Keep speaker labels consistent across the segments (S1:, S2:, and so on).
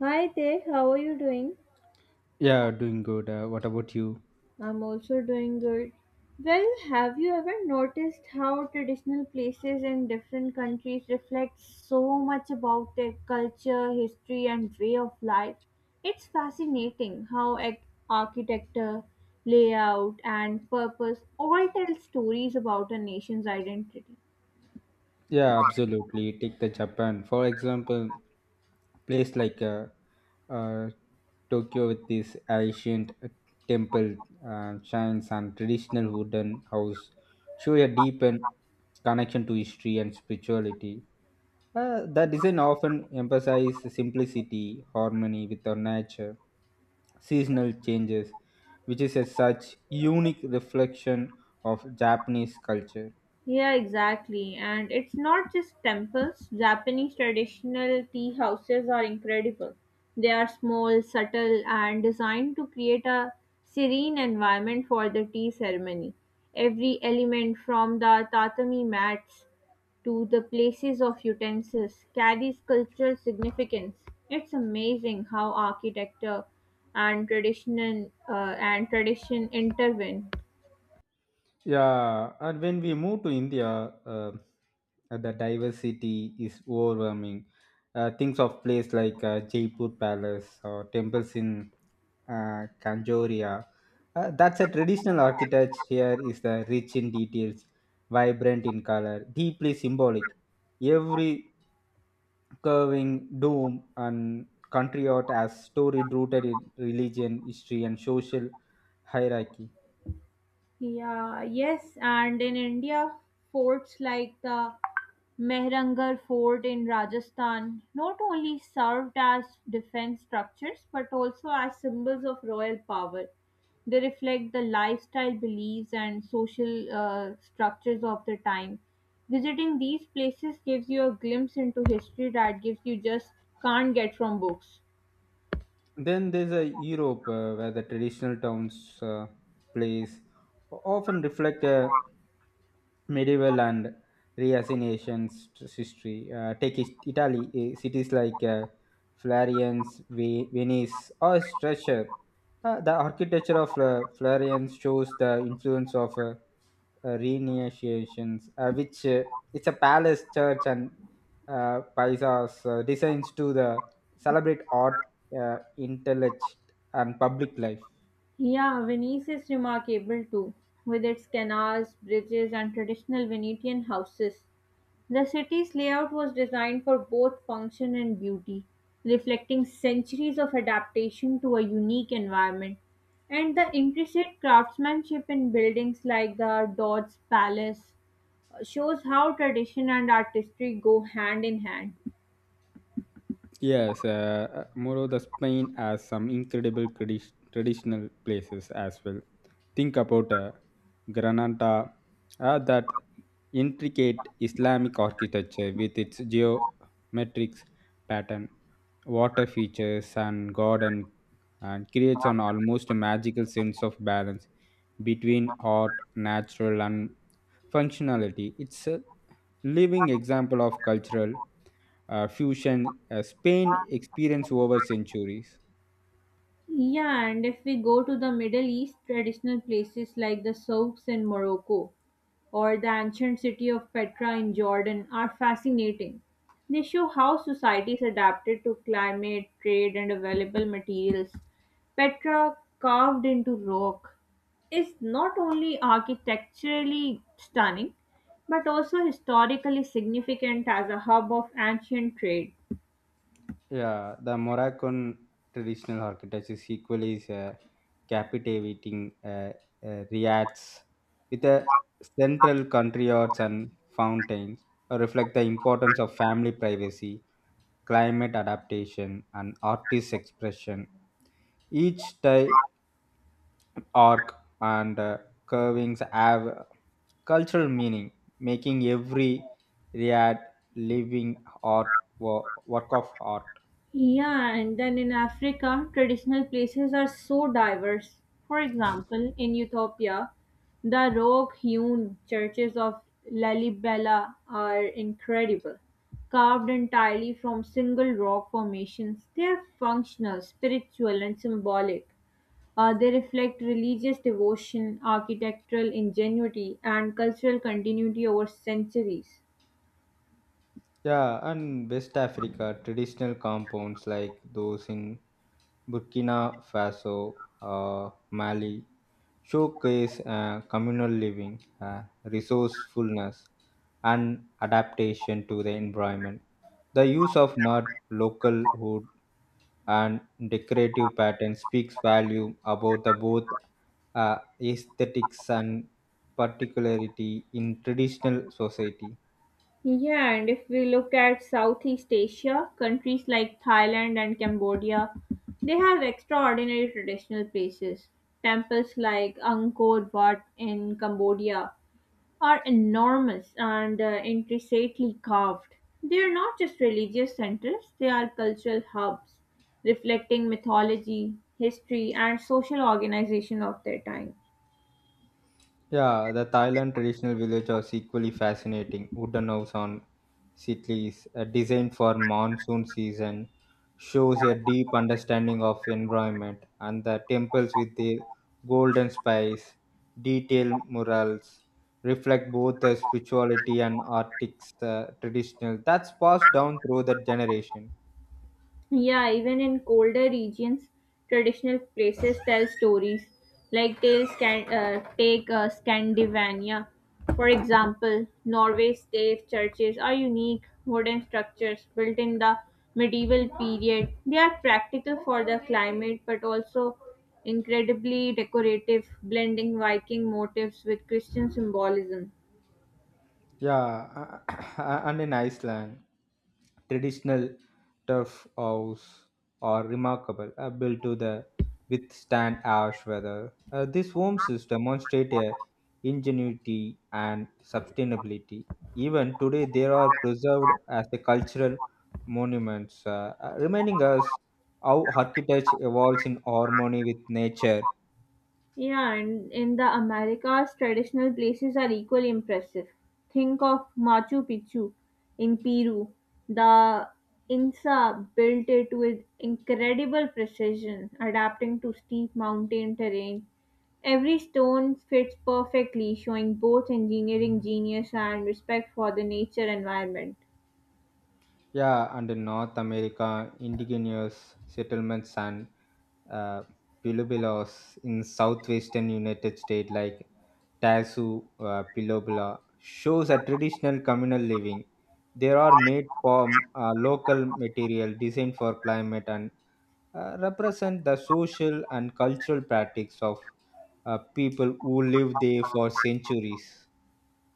S1: Hi there, how are you doing?
S2: Yeah, doing good. What about you?
S1: I'm also doing good. Well, have you ever noticed how traditional places in different countries reflect so much about their culture, history, and way of life? It's fascinating how architecture, layout, and purpose all tell stories about a nation's identity.
S2: Yeah, absolutely. Take the Japan for example. Place like uh, Tokyo with this ancient temple shrines and traditional wooden house show a deep and connection to history and spirituality. The design often emphasizes simplicity, harmony with our nature, seasonal changes, which is a such unique reflection of Japanese culture.
S1: Yeah, exactly. And it's not just temples. Japanese traditional tea houses are incredible. They are small, subtle, and designed to create a serene environment for the tea ceremony. Every element from the tatami mats to the places of utensils carries cultural significance. It's amazing how architecture and tradition uh, and tradition intervene.
S2: Yeah, and when we move to India, uh, the diversity is overwhelming. Things of place like Jaipur Palace or temples in Kanjoria. That's a traditional architecture here is the rich in details, vibrant in color, deeply symbolic. Every curving dome and country art has story rooted in religion, history, and social hierarchy.
S1: Yeah, yes, and in India, forts like the Mehrangarh Fort in Rajasthan not only served as defense structures but also as symbols of royal power. They reflect the lifestyle beliefs and social structures of the time. Visiting these places gives you a glimpse into history that gives you just can't get from books.
S2: Then there's a Europe where the traditional towns, plays often reflect a medieval and reassignations history. Italy, cities like Florence, Venice, or Stretcher. The architecture of Florence shows the influence of renegotiations, which it's a palace church and paisas designs to the celebrate art, intellect and public life.
S1: Yeah, Venice is remarkable too, with its canals, bridges, and traditional Venetian houses. The city's layout was designed for both function and beauty, reflecting centuries of adaptation to a unique environment. And the intricate craftsmanship in buildings like the Doge's Palace shows how tradition and artistry go hand in hand.
S2: Yes, moreover, Spain has some incredible traditional places as well. Think about Granada, that intricate Islamic architecture with its geometric pattern, water features, and garden, and creates an almost magical sense of balance between art, natural, and functionality. It's a living example of cultural fusion Spain experienced over centuries.
S1: Yeah, and if we go to the Middle East, traditional places like the souks in Morocco or the ancient city of Petra in Jordan are fascinating. They show how societies adapted to climate, trade, and available materials. Petra, carved into rock, is not only architecturally stunning but also historically significant as a hub of ancient trade.
S2: Yeah, the Moroccan traditional architecture is equally is captivating, Riyadh's with a central country yards and fountains reflect the importance of family privacy, climate adaptation, and artist expression. Each style arc and curvings have cultural meaning, making every riad living art work of art.
S1: Yeah, and then in Africa, traditional places are so diverse. For example, in Ethiopia, the rock hewn churches of Lalibela are incredible. Carved entirely from single rock formations, they are functional, spiritual, and symbolic. They reflect religious devotion, architectural ingenuity, and cultural continuity over centuries.
S2: Yeah, and West Africa traditional compounds like those in Burkina Faso, Mali showcase communal living, resourcefulness, and adaptation to the environment. The use of mud, local wood, and decorative pattern speaks volume about the both aesthetics and particularity in traditional society.
S1: Yeah, and if we look at Southeast Asia, countries like Thailand and Cambodia, they have extraordinary traditional places. Temples like Angkor Wat in Cambodia are enormous and intricately carved. They are not just religious centers, they are cultural hubs, reflecting mythology, history, and social organization of their time.
S2: Yeah, the Thailand traditional village was equally fascinating. Wooden house on sitlis, designed for monsoon season, shows a deep understanding of environment, and the temples with the golden spice, detailed murals, reflect both the spirituality and artistic traditional that's passed down through the generation.
S1: Yeah, even in colder regions, traditional places tell stories. Like they can take Scandinavia, for example. Norway's stave churches are unique wooden structures built in the medieval period. They are practical for the climate, but also incredibly decorative, blending Viking motifs with Christian symbolism.
S2: Yeah, and in Iceland, traditional turf house are remarkable, built to the withstand harsh weather. These homes demonstrate a ingenuity and sustainability. Even today, they are preserved as a cultural monuments, reminding us how architecture evolves in harmony with nature.
S1: Yeah, and in the Americas, traditional places are equally impressive. Think of Machu Picchu in Peru. The Inca built it with incredible precision, adapting to steep mountain terrain. Every stone fits perfectly, showing both engineering genius and respect for the nature environment.
S2: Yeah, and in North America, indigenous settlements and uh, pueblos in southwestern United States, like Tasu Pilobula, shows a traditional communal living. They are made from local material designed for climate and represent the social and cultural practice of people who live there for centuries.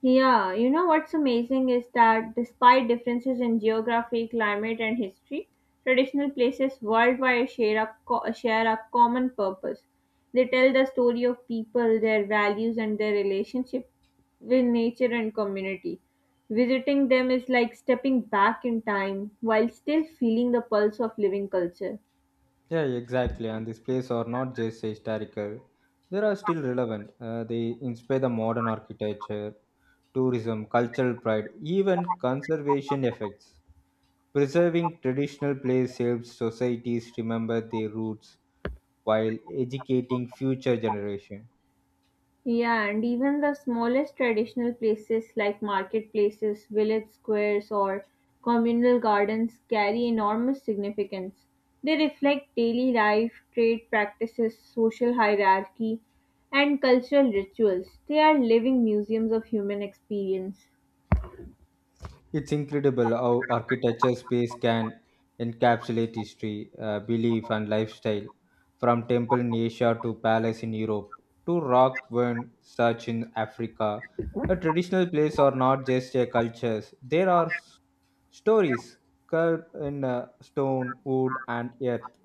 S1: Yeah, you know what's amazing is that despite differences in geography, climate, and history, traditional places worldwide share a common purpose. They tell the story of people, their values, and their relationship with nature and community. Visiting them is like stepping back in time while still feeling the pulse of living culture.
S2: Yeah, exactly. And these places are not just historical, they are still relevant. They inspire the modern architecture, tourism, cultural pride, even conservation effects. Preserving traditional places helps societies remember their roots while educating future generations.
S1: Yeah, and even the smallest traditional places like marketplaces, village squares, or communal gardens carry enormous significance. They reflect daily life, trade practices, social hierarchy, and cultural rituals. They are living museums of human experience.
S2: It's incredible how architecture space can encapsulate history, belief, and lifestyle, from temple in Asia to palace in Europe to rock when such in Africa. A traditional place are not just a cultures; there are stories carved in stone, wood, and earth.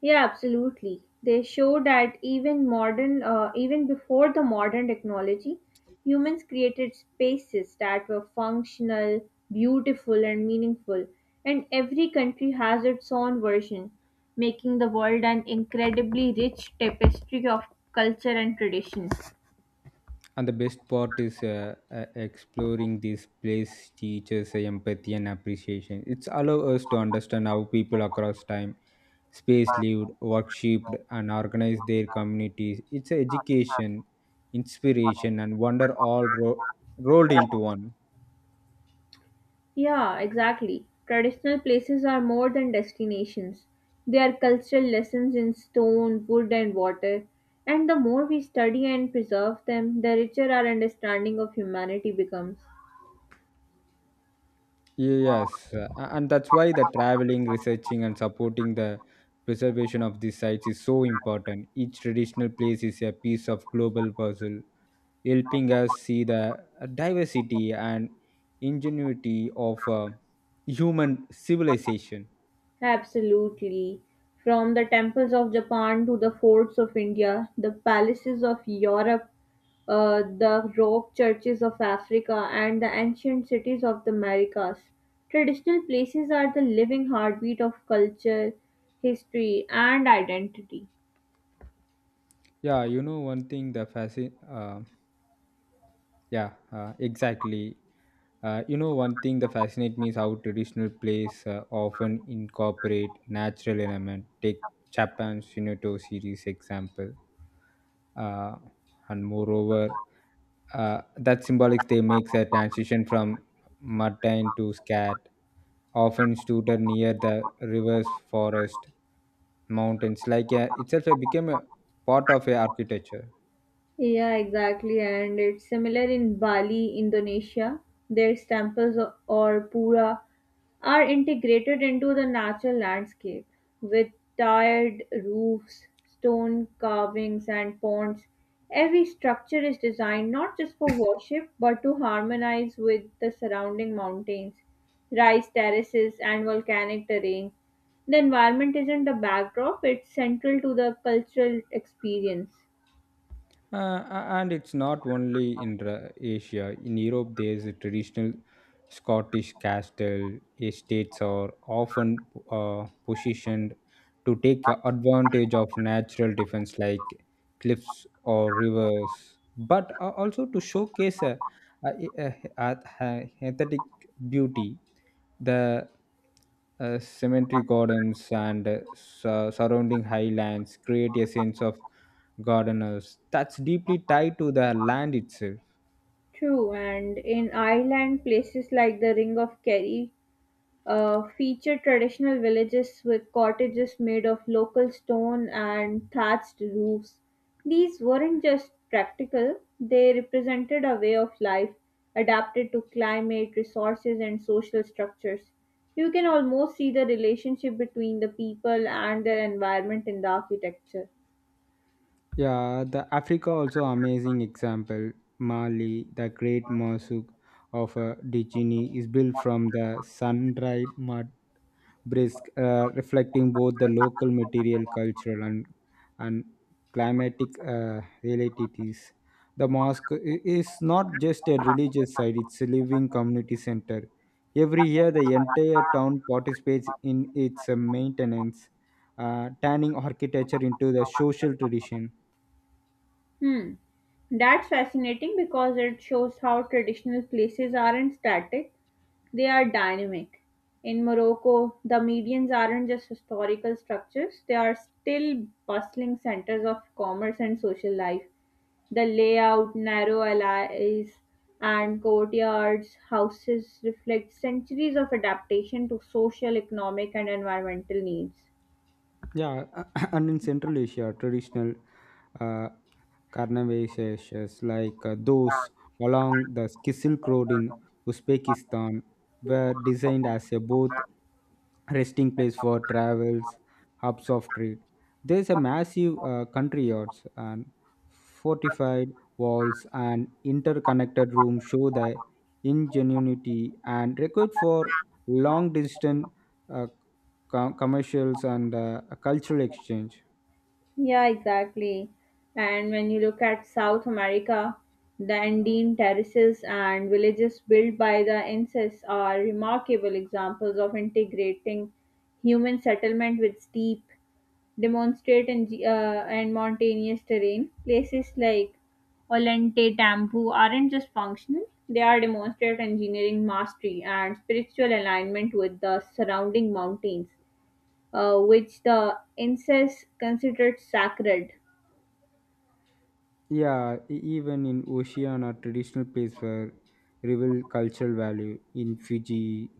S1: Yeah, absolutely. They show that even before the modern technology, humans created spaces that were functional, beautiful, and meaningful. And every country has its own version, making the world an incredibly rich tapestry of culture and tradition.
S2: And the best part is exploring this place teaches empathy and appreciation. It's allow us to understand how people across time, space lived, worshipped, and organized their communities. It's a education, inspiration, and wonder rolled into one.
S1: Yeah, exactly. Traditional places are more than destinations. They are cultural lessons in stone, wood, and water. And the more we study and preserve them, the richer our understanding of humanity becomes.
S2: Yes, and that's why the traveling, researching, and supporting the preservation of these sites is so important. Each traditional place is a piece of global puzzle helping us see the diversity and ingenuity of human civilization.
S1: Absolutely. From the temples of Japan to the forts of India, the palaces of Europe, the rock churches of Africa, and the ancient cities of the Americas. Traditional places are the living heartbeat of culture, history, and identity.
S2: Yeah, you know one thing the fascin. Yeah, exactly. You know one thing that fascinates me is how traditional plays often incorporate natural element. Take Japan's Shinoto series example, uh, and moreover that symbolic they makes a transition from mundane to scat, often stood near the rivers, forest, mountains. Like itself, it became a part of a architecture.
S1: Yeah, exactly. And it's similar in Bali, Indonesia. Their temples or pura are integrated into the natural landscape with tiled roofs, stone carvings, and ponds. Every structure is designed not just for worship but to harmonize with the surrounding mountains, rice terraces, and volcanic terrain. The environment isn't a backdrop, it's central to the cultural experience.
S2: Uh, and it's not only in Asia. In Europe, there's a traditional Scottish castle estates are often positioned to take advantage of natural defense like cliffs or rivers, but also to showcase a, a, a- a aesthetic beauty. The cemetery gardens and surrounding highlands create a sense of gardeners that's deeply tied to the land itself.
S1: True, and in Ireland, places like the Ring of Kerry feature traditional villages with cottages made of local stone and thatched roofs. These weren't just practical, they represented a way of life adapted to climate, resources, and social structures. You can almost see the relationship between the people and their environment in the architecture.
S2: Yeah, the Africa also amazing example. Mali, the great mosque of Dijini is built from the sun-dried mud brisk, reflecting both the local material, cultural, and climatic realities. The mosque is not just a religious site, it's a living community center. Every year, the entire town participates in its maintenance, turning architecture into the social tradition.
S1: Hmm. That's fascinating because it shows how traditional places aren't static, they are dynamic. In Morocco, the medians aren't just historical structures, they are still bustling centers of commerce and social life. The layout, narrow alleys, and courtyards, houses reflect centuries of adaptation to social, economic, and environmental needs.
S2: Yeah, and in Central Asia, traditional uh, carnivorous like those along the Silk Road in Uzbekistan were designed as a both resting place for travels, hubs of trade. There's a massive country yards and fortified walls and interconnected rooms show the ingenuity and record for long distance uh, commercials and cultural exchange.
S1: Yeah, exactly. And when you look at South America, the Andean terraces and villages built by the Incas are remarkable examples of integrating human settlement with steep, and mountainous terrain. Places like Olente Tampu aren't just functional, they are demonstrate engineering mastery and spiritual alignment with the surrounding mountains, which the Incas considered sacred.
S2: Yeah, even in Oceania, traditional place where reveal cultural value in Fiji,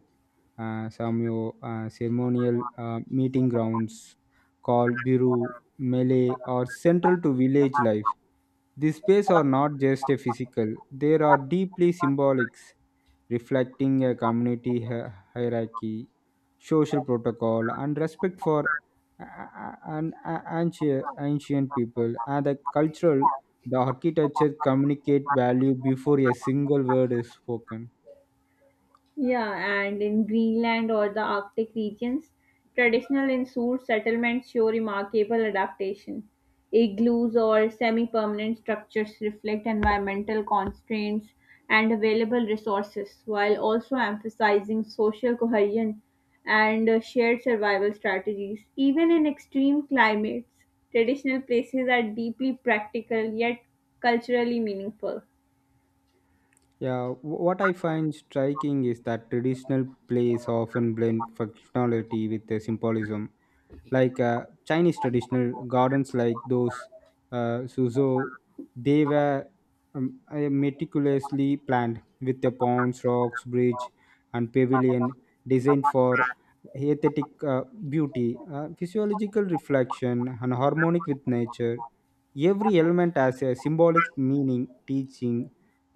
S2: Samoa, ceremonial meeting grounds called Biru, Malay, are central to village life. These spaces are not just a physical; they are deeply symbolic, reflecting a community hierarchy, social protocol, and respect for a- an a- ancient ancient people and the cultural the architecture communicate value before a single word is spoken.
S1: Yeah, and in Greenland or the Arctic regions, traditional insulated settlements show remarkable adaptation. Igloos or semi permanent structures reflect environmental constraints and available resources while also emphasizing social cohesion and shared survival strategies. Even in extreme climates, traditional places are deeply practical yet culturally meaningful.
S2: Yeah, what I find striking is that traditional plays often blend functionality with the symbolism, like Chinese traditional gardens like those suzo. They were meticulously planned with the ponds, rocks, bridge, and pavilion designed for aesthetic beauty, physiological reflection and harmonic with nature. Every element has a symbolic meaning teaching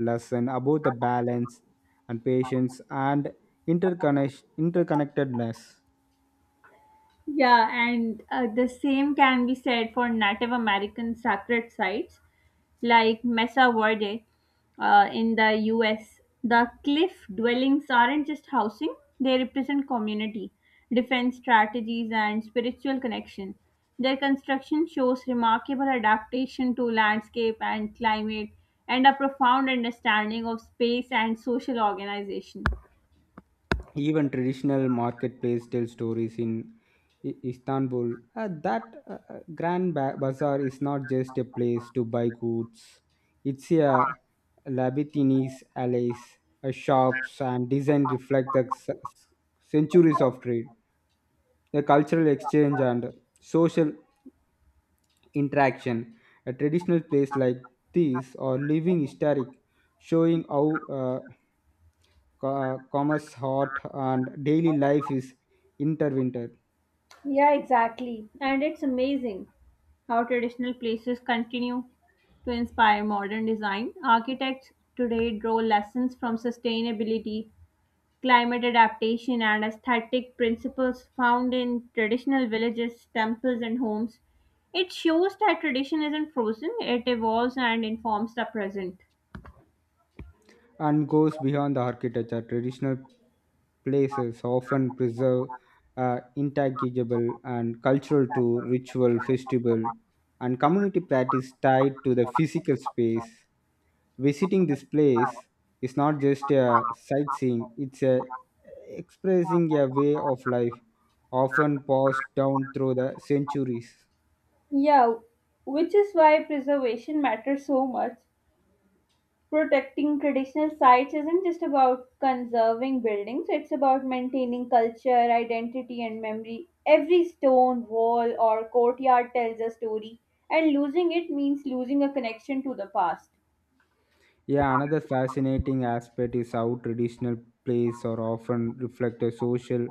S2: lesson about the balance and patience and interconnectedness.
S1: Yeah, and the same can be said for Native American sacred sites like Mesa Verde in the US. The cliff dwellings aren't just housing, they represent community, defense strategies, and spiritual connection. Their construction shows remarkable adaptation to landscape and climate and a profound understanding of space and social organization.
S2: Even traditional marketplace tell stories in Istanbul. That grand bazaar is not just a place to buy goods, it's a labyrinthine alleys, shops and design reflect the centuries of trade, the cultural exchange and social interaction. A traditional place like these are living historic, showing how commerce, art, and daily life is intertwined,
S1: Yeah, exactly. And it's amazing how traditional places continue to inspire modern design. Architects today draw lessons from sustainability, climate adaptation, and aesthetic principles found in traditional villages, temples, and homes. It shows that tradition isn't frozen, it evolves and informs the present.
S2: and goes beyond the architecture. Traditional places often preserve intangible and cultural to ritual, festival, and community practice tied to the physical space. Visiting this place is not just a sightseeing; it's a expressing a way of life, often passed down through the centuries.
S1: Yeah, which is why preservation matters so much. Protecting traditional sites isn't just about conserving buildings, it's about maintaining culture, identity, and memory. Every stone, wall, or courtyard tells a story, and losing it means losing a connection to the past.
S2: Yeah, another fascinating aspect is how traditional plays are often reflect a social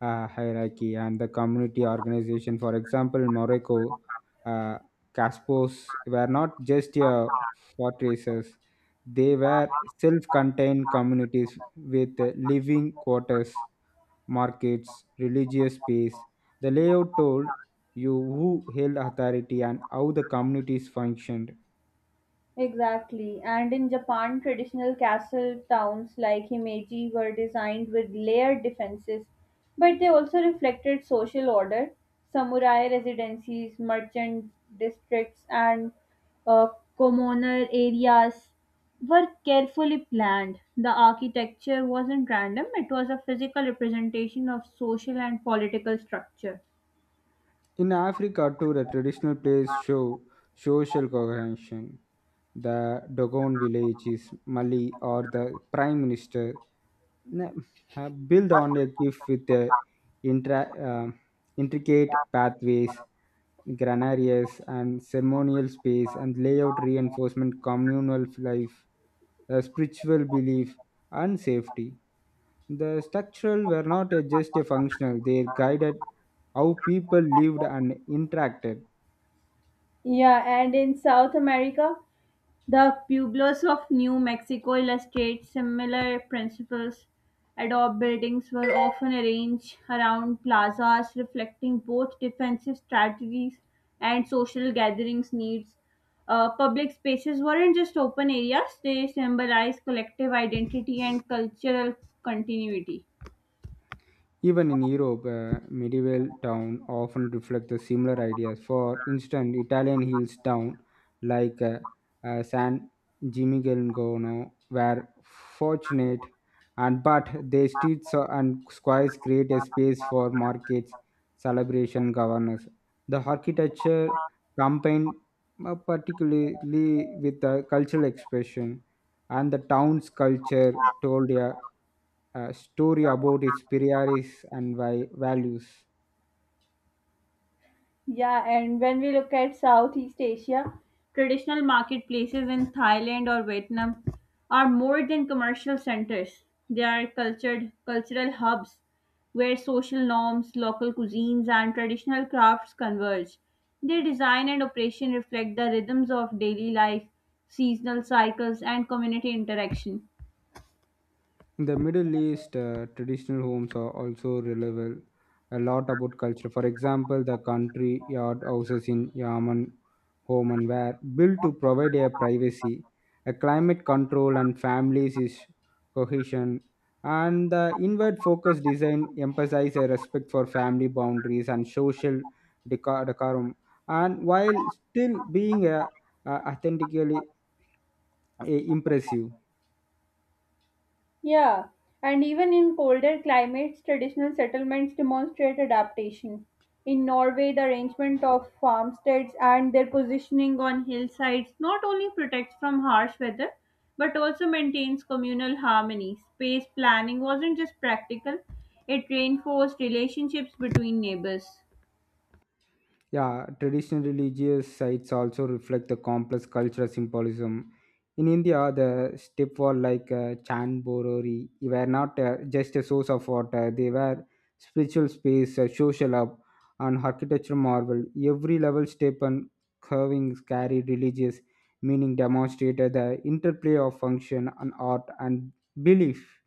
S2: hierarchy and the community organization. For example, in Morocco, uh, Caspos were not just fortresses, they were self contained communities with living quarters, markets, religious space. The layout told you who held authority and how the communities functioned.
S1: Exactly. And in Japan, traditional castle towns like Himeji were designed with layered defenses, but they also reflected social order. Samurai residencies, merchant districts, and uh, commoner areas were carefully planned. The architecture wasn't random, it was a physical representation of social and political structure.
S2: In Africa, too, the traditional plays show social cohesion. The Dogon village is Mali or the prime minister na- have built on a gift with the intra- uh, intricate pathways, granarias, and ceremonial space and layout reinforcement communal life, spiritual belief, and safety. The structural were not just a functional, they guided how people lived and interacted.
S1: Yeah, and in South America, the pueblos of New Mexico illustrate similar principles. Adobe buildings were often arranged around plazas, reflecting both defensive strategies and social gatherings needs. Public spaces weren't just open areas, they symbolized collective identity and cultural continuity.
S2: Even in Europe, a medieval town often reflect the similar ideas. For instance, Italian hills town like San Gimignano were fortunate, and but their streets and squares create a space for markets, celebration, governance. The architecture combined particularly with the cultural expression, and the town's culture told a story about its priorities and values.
S1: Yeah, and when we look at Southeast Asia, traditional marketplaces in Thailand or Vietnam are more than commercial centers. They are cultured cultural hubs where social norms, local cuisines, and traditional crafts converge. Their design and operation reflect the rhythms of daily life, seasonal cycles, and community interaction.
S2: In the Middle East, traditional homes are also relevant a lot about culture. For example, the country yard houses in Yemen, home and were built to provide a privacy, a climate control, and families is cohesion. And the inward focus design emphasizes a respect for family boundaries and social decorum, and while still being a authentically impressive.
S1: Yeah, and even in colder climates, traditional settlements demonstrate adaptation. In Norway, the arrangement of farmsteads and their positioning on hillsides not only protects from harsh weather but also maintains communal harmony. Space planning wasn't just practical, it reinforced relationships between neighbors.
S2: Yeah, traditional religious sites also reflect the complex cultural symbolism. In India, the step wall like Chan were not just a source of water, they were spiritual space, social hub, and architectural marvel. Every level step and curvings carried religious meaning, demonstrated the interplay of function and art and belief.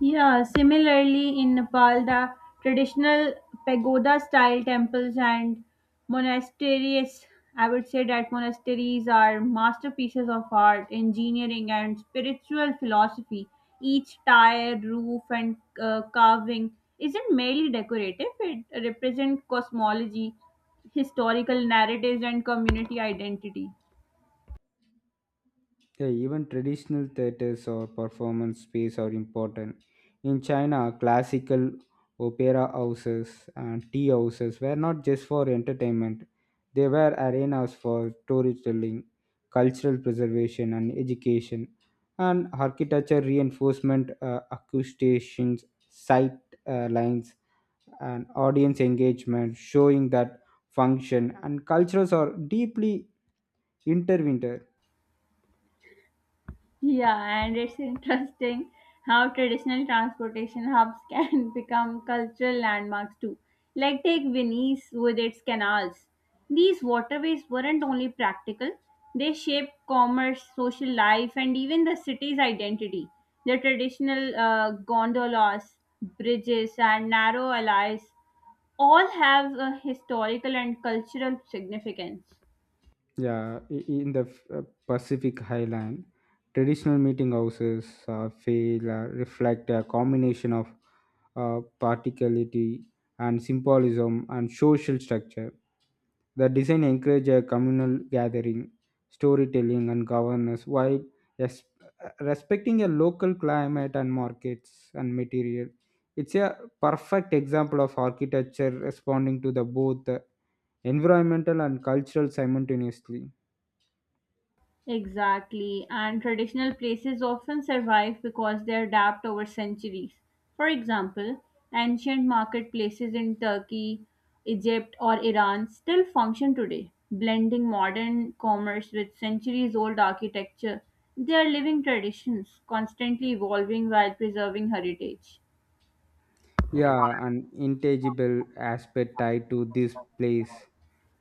S1: Yeah, similarly in Nepal, the traditional pagoda style temples and monasteries, I would say that monasteries are masterpieces of art, engineering, and spiritual philosophy. Each tile, roof, and carving isn't merely decorative, it represents cosmology, historical narratives, and community identity.
S2: Yeah, even traditional theaters or performance space are important. In China, classical opera houses and tea houses were not just for entertainment, they were arenas for storytelling, cultural preservation, and education. And architecture reinforcement, acoustics, sight lines, and audience engagement, showing that function and cultures are deeply intertwined.
S1: Yeah, and it's interesting how traditional transportation hubs can become cultural landmarks too. Like take Venice with its canals. These waterways weren't only practical, they shaped commerce, social life, and even the city's identity. The traditional gondolas, bridges, and narrow alleys all have a historical and cultural significance.
S2: Yeah, in the uh, Pacific Highland, traditional meeting houses fail reflect a combination of partiality and symbolism and social structure. The design encourage a communal gathering, storytelling, and governance while res- respecting a local climate and markets and material. It's a perfect example of architecture responding to the both environmental and cultural simultaneously.
S1: Exactly, and traditional places often survive because they adapt over centuries. For example, ancient marketplaces in Turkey, Egypt, or Iran still function today, blending modern commerce with centuries old architecture. They are living traditions, constantly evolving while preserving heritage.
S2: Yeah, an intangible aspect tied to this place,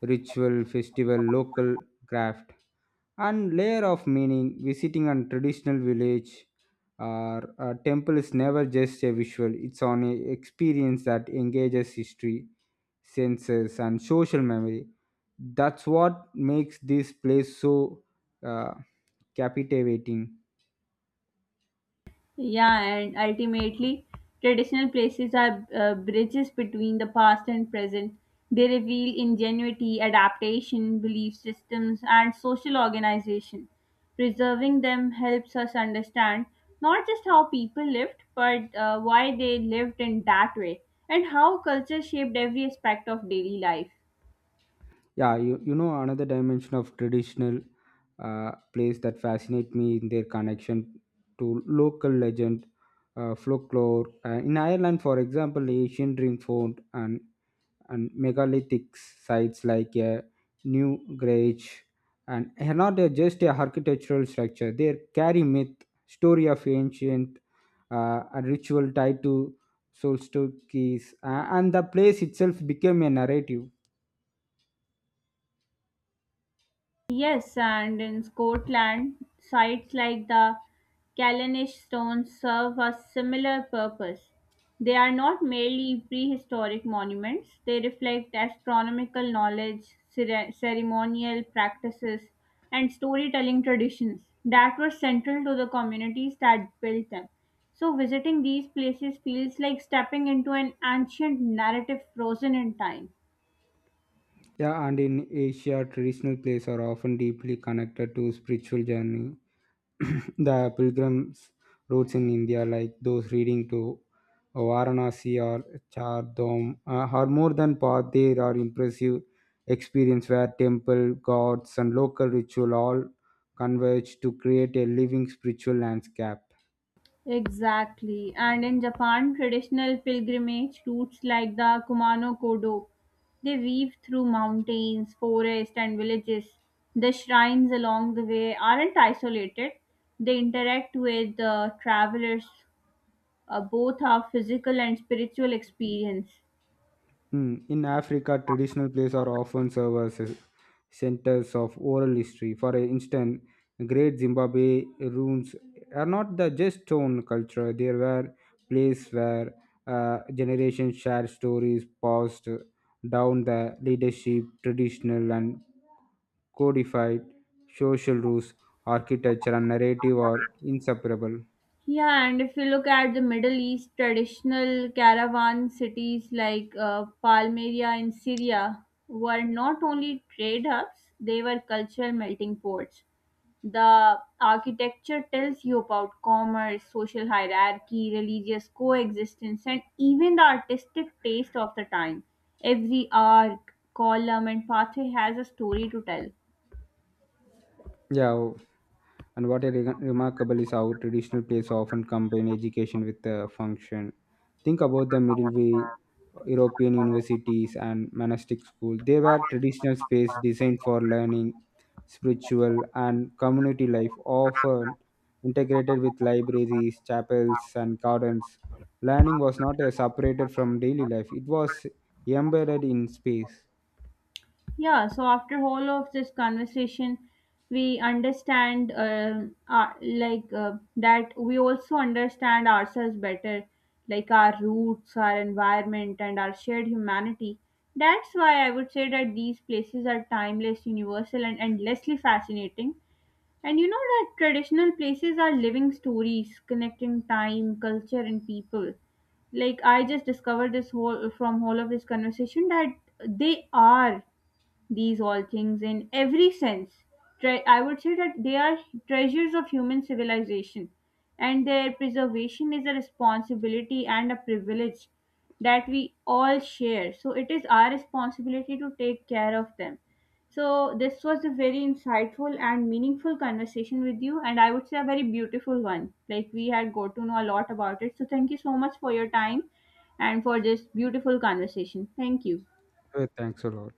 S2: ritual, festival, local craft, and layer of meaning. Visiting a traditional village or a temple is never just a visual; it's on a experience that engages history, senses, and social memory. That's what makes this place so uh, captivating.
S1: Yeah, and ultimately, traditional places are bridges between the past and present. They reveal ingenuity, adaptation, belief systems, and social organization. Preserving them helps us understand not just how people lived, but why they lived in that way, and how culture shaped every aspect of daily life.
S2: Yeah, you know another dimension of traditional plays that fascinate me in their connection to local legend, folklore, in Ireland for example, ancient ring fort and megalithic sites like new and are not just a architectural structure, they carry myth story of ancient and ritual tied to solstices, and the place itself became a narrative.
S1: Yes, and in Scotland, sites like the Callanish stones serve a similar purpose. They are not merely prehistoric monuments, they reflect astronomical knowledge, ceremonial practices, and storytelling traditions that were central to the communities that built them. So, visiting these places feels like stepping into an ancient narrative frozen in time.
S2: Yeah, and in Asia, traditional plays are often deeply connected to spiritual journey. The pilgrims' routes in India, like those leading to Varanasi or Chardham, are more than path. They are impressive experience where temple, gods, and local ritual all converge to create a living spiritual landscape.
S1: Exactly. And in Japan, traditional pilgrimage routes like the Kumano Kodo, they weave through mountains, forests, and villages. The shrines along the way aren't isolated. They interact with the travelers. Both are physical and spiritual experience.
S2: Mm, in Africa, traditional plays are often serve as centers of oral history. For instance, great Zimbabwe ruins are not the just stone culture. There were places where generations shared stories passed down the leadership, traditional and codified social rules, architecture and narrative are inseparable.
S1: Yeah, and if you look at the Middle East, traditional caravan cities like Palmyra in Syria were not only trade hubs, they were cultural melting pots. The architecture tells you about commerce, social hierarchy, religious coexistence, and even the artistic taste of the time. Every arc, column, and pathway has a story to tell.
S2: Yeah, and what is remarkable is how traditional plays often combine education with the function. Think about the medieval European universities and monastic schools. They were traditional space designed for learning, spiritual and community life, often integrated with libraries, chapels, and gardens. Learning was not separated from daily life; it was embedded in space.
S1: Yeah, so after all of this conversation, we understand that we also understand ourselves better, like our roots, our environment, and our shared humanity. That's why I would say that these places are timeless, universal, and endlessly fascinating. And you know that traditional places are living stories connecting time, culture, and people like I just discovered this whole from all of this conversation that they are these all things in every sense. I would say that they are treasures of human civilization, and their preservation is a responsibility and a privilege that we all share. So it is our responsibility to take care of them. So this was a very insightful and meaningful conversation with you, and I would say a very beautiful one. Like we had got to know a lot about it. So thank you so much for your time and for this beautiful conversation. Thank you.
S2: Thanks a lot.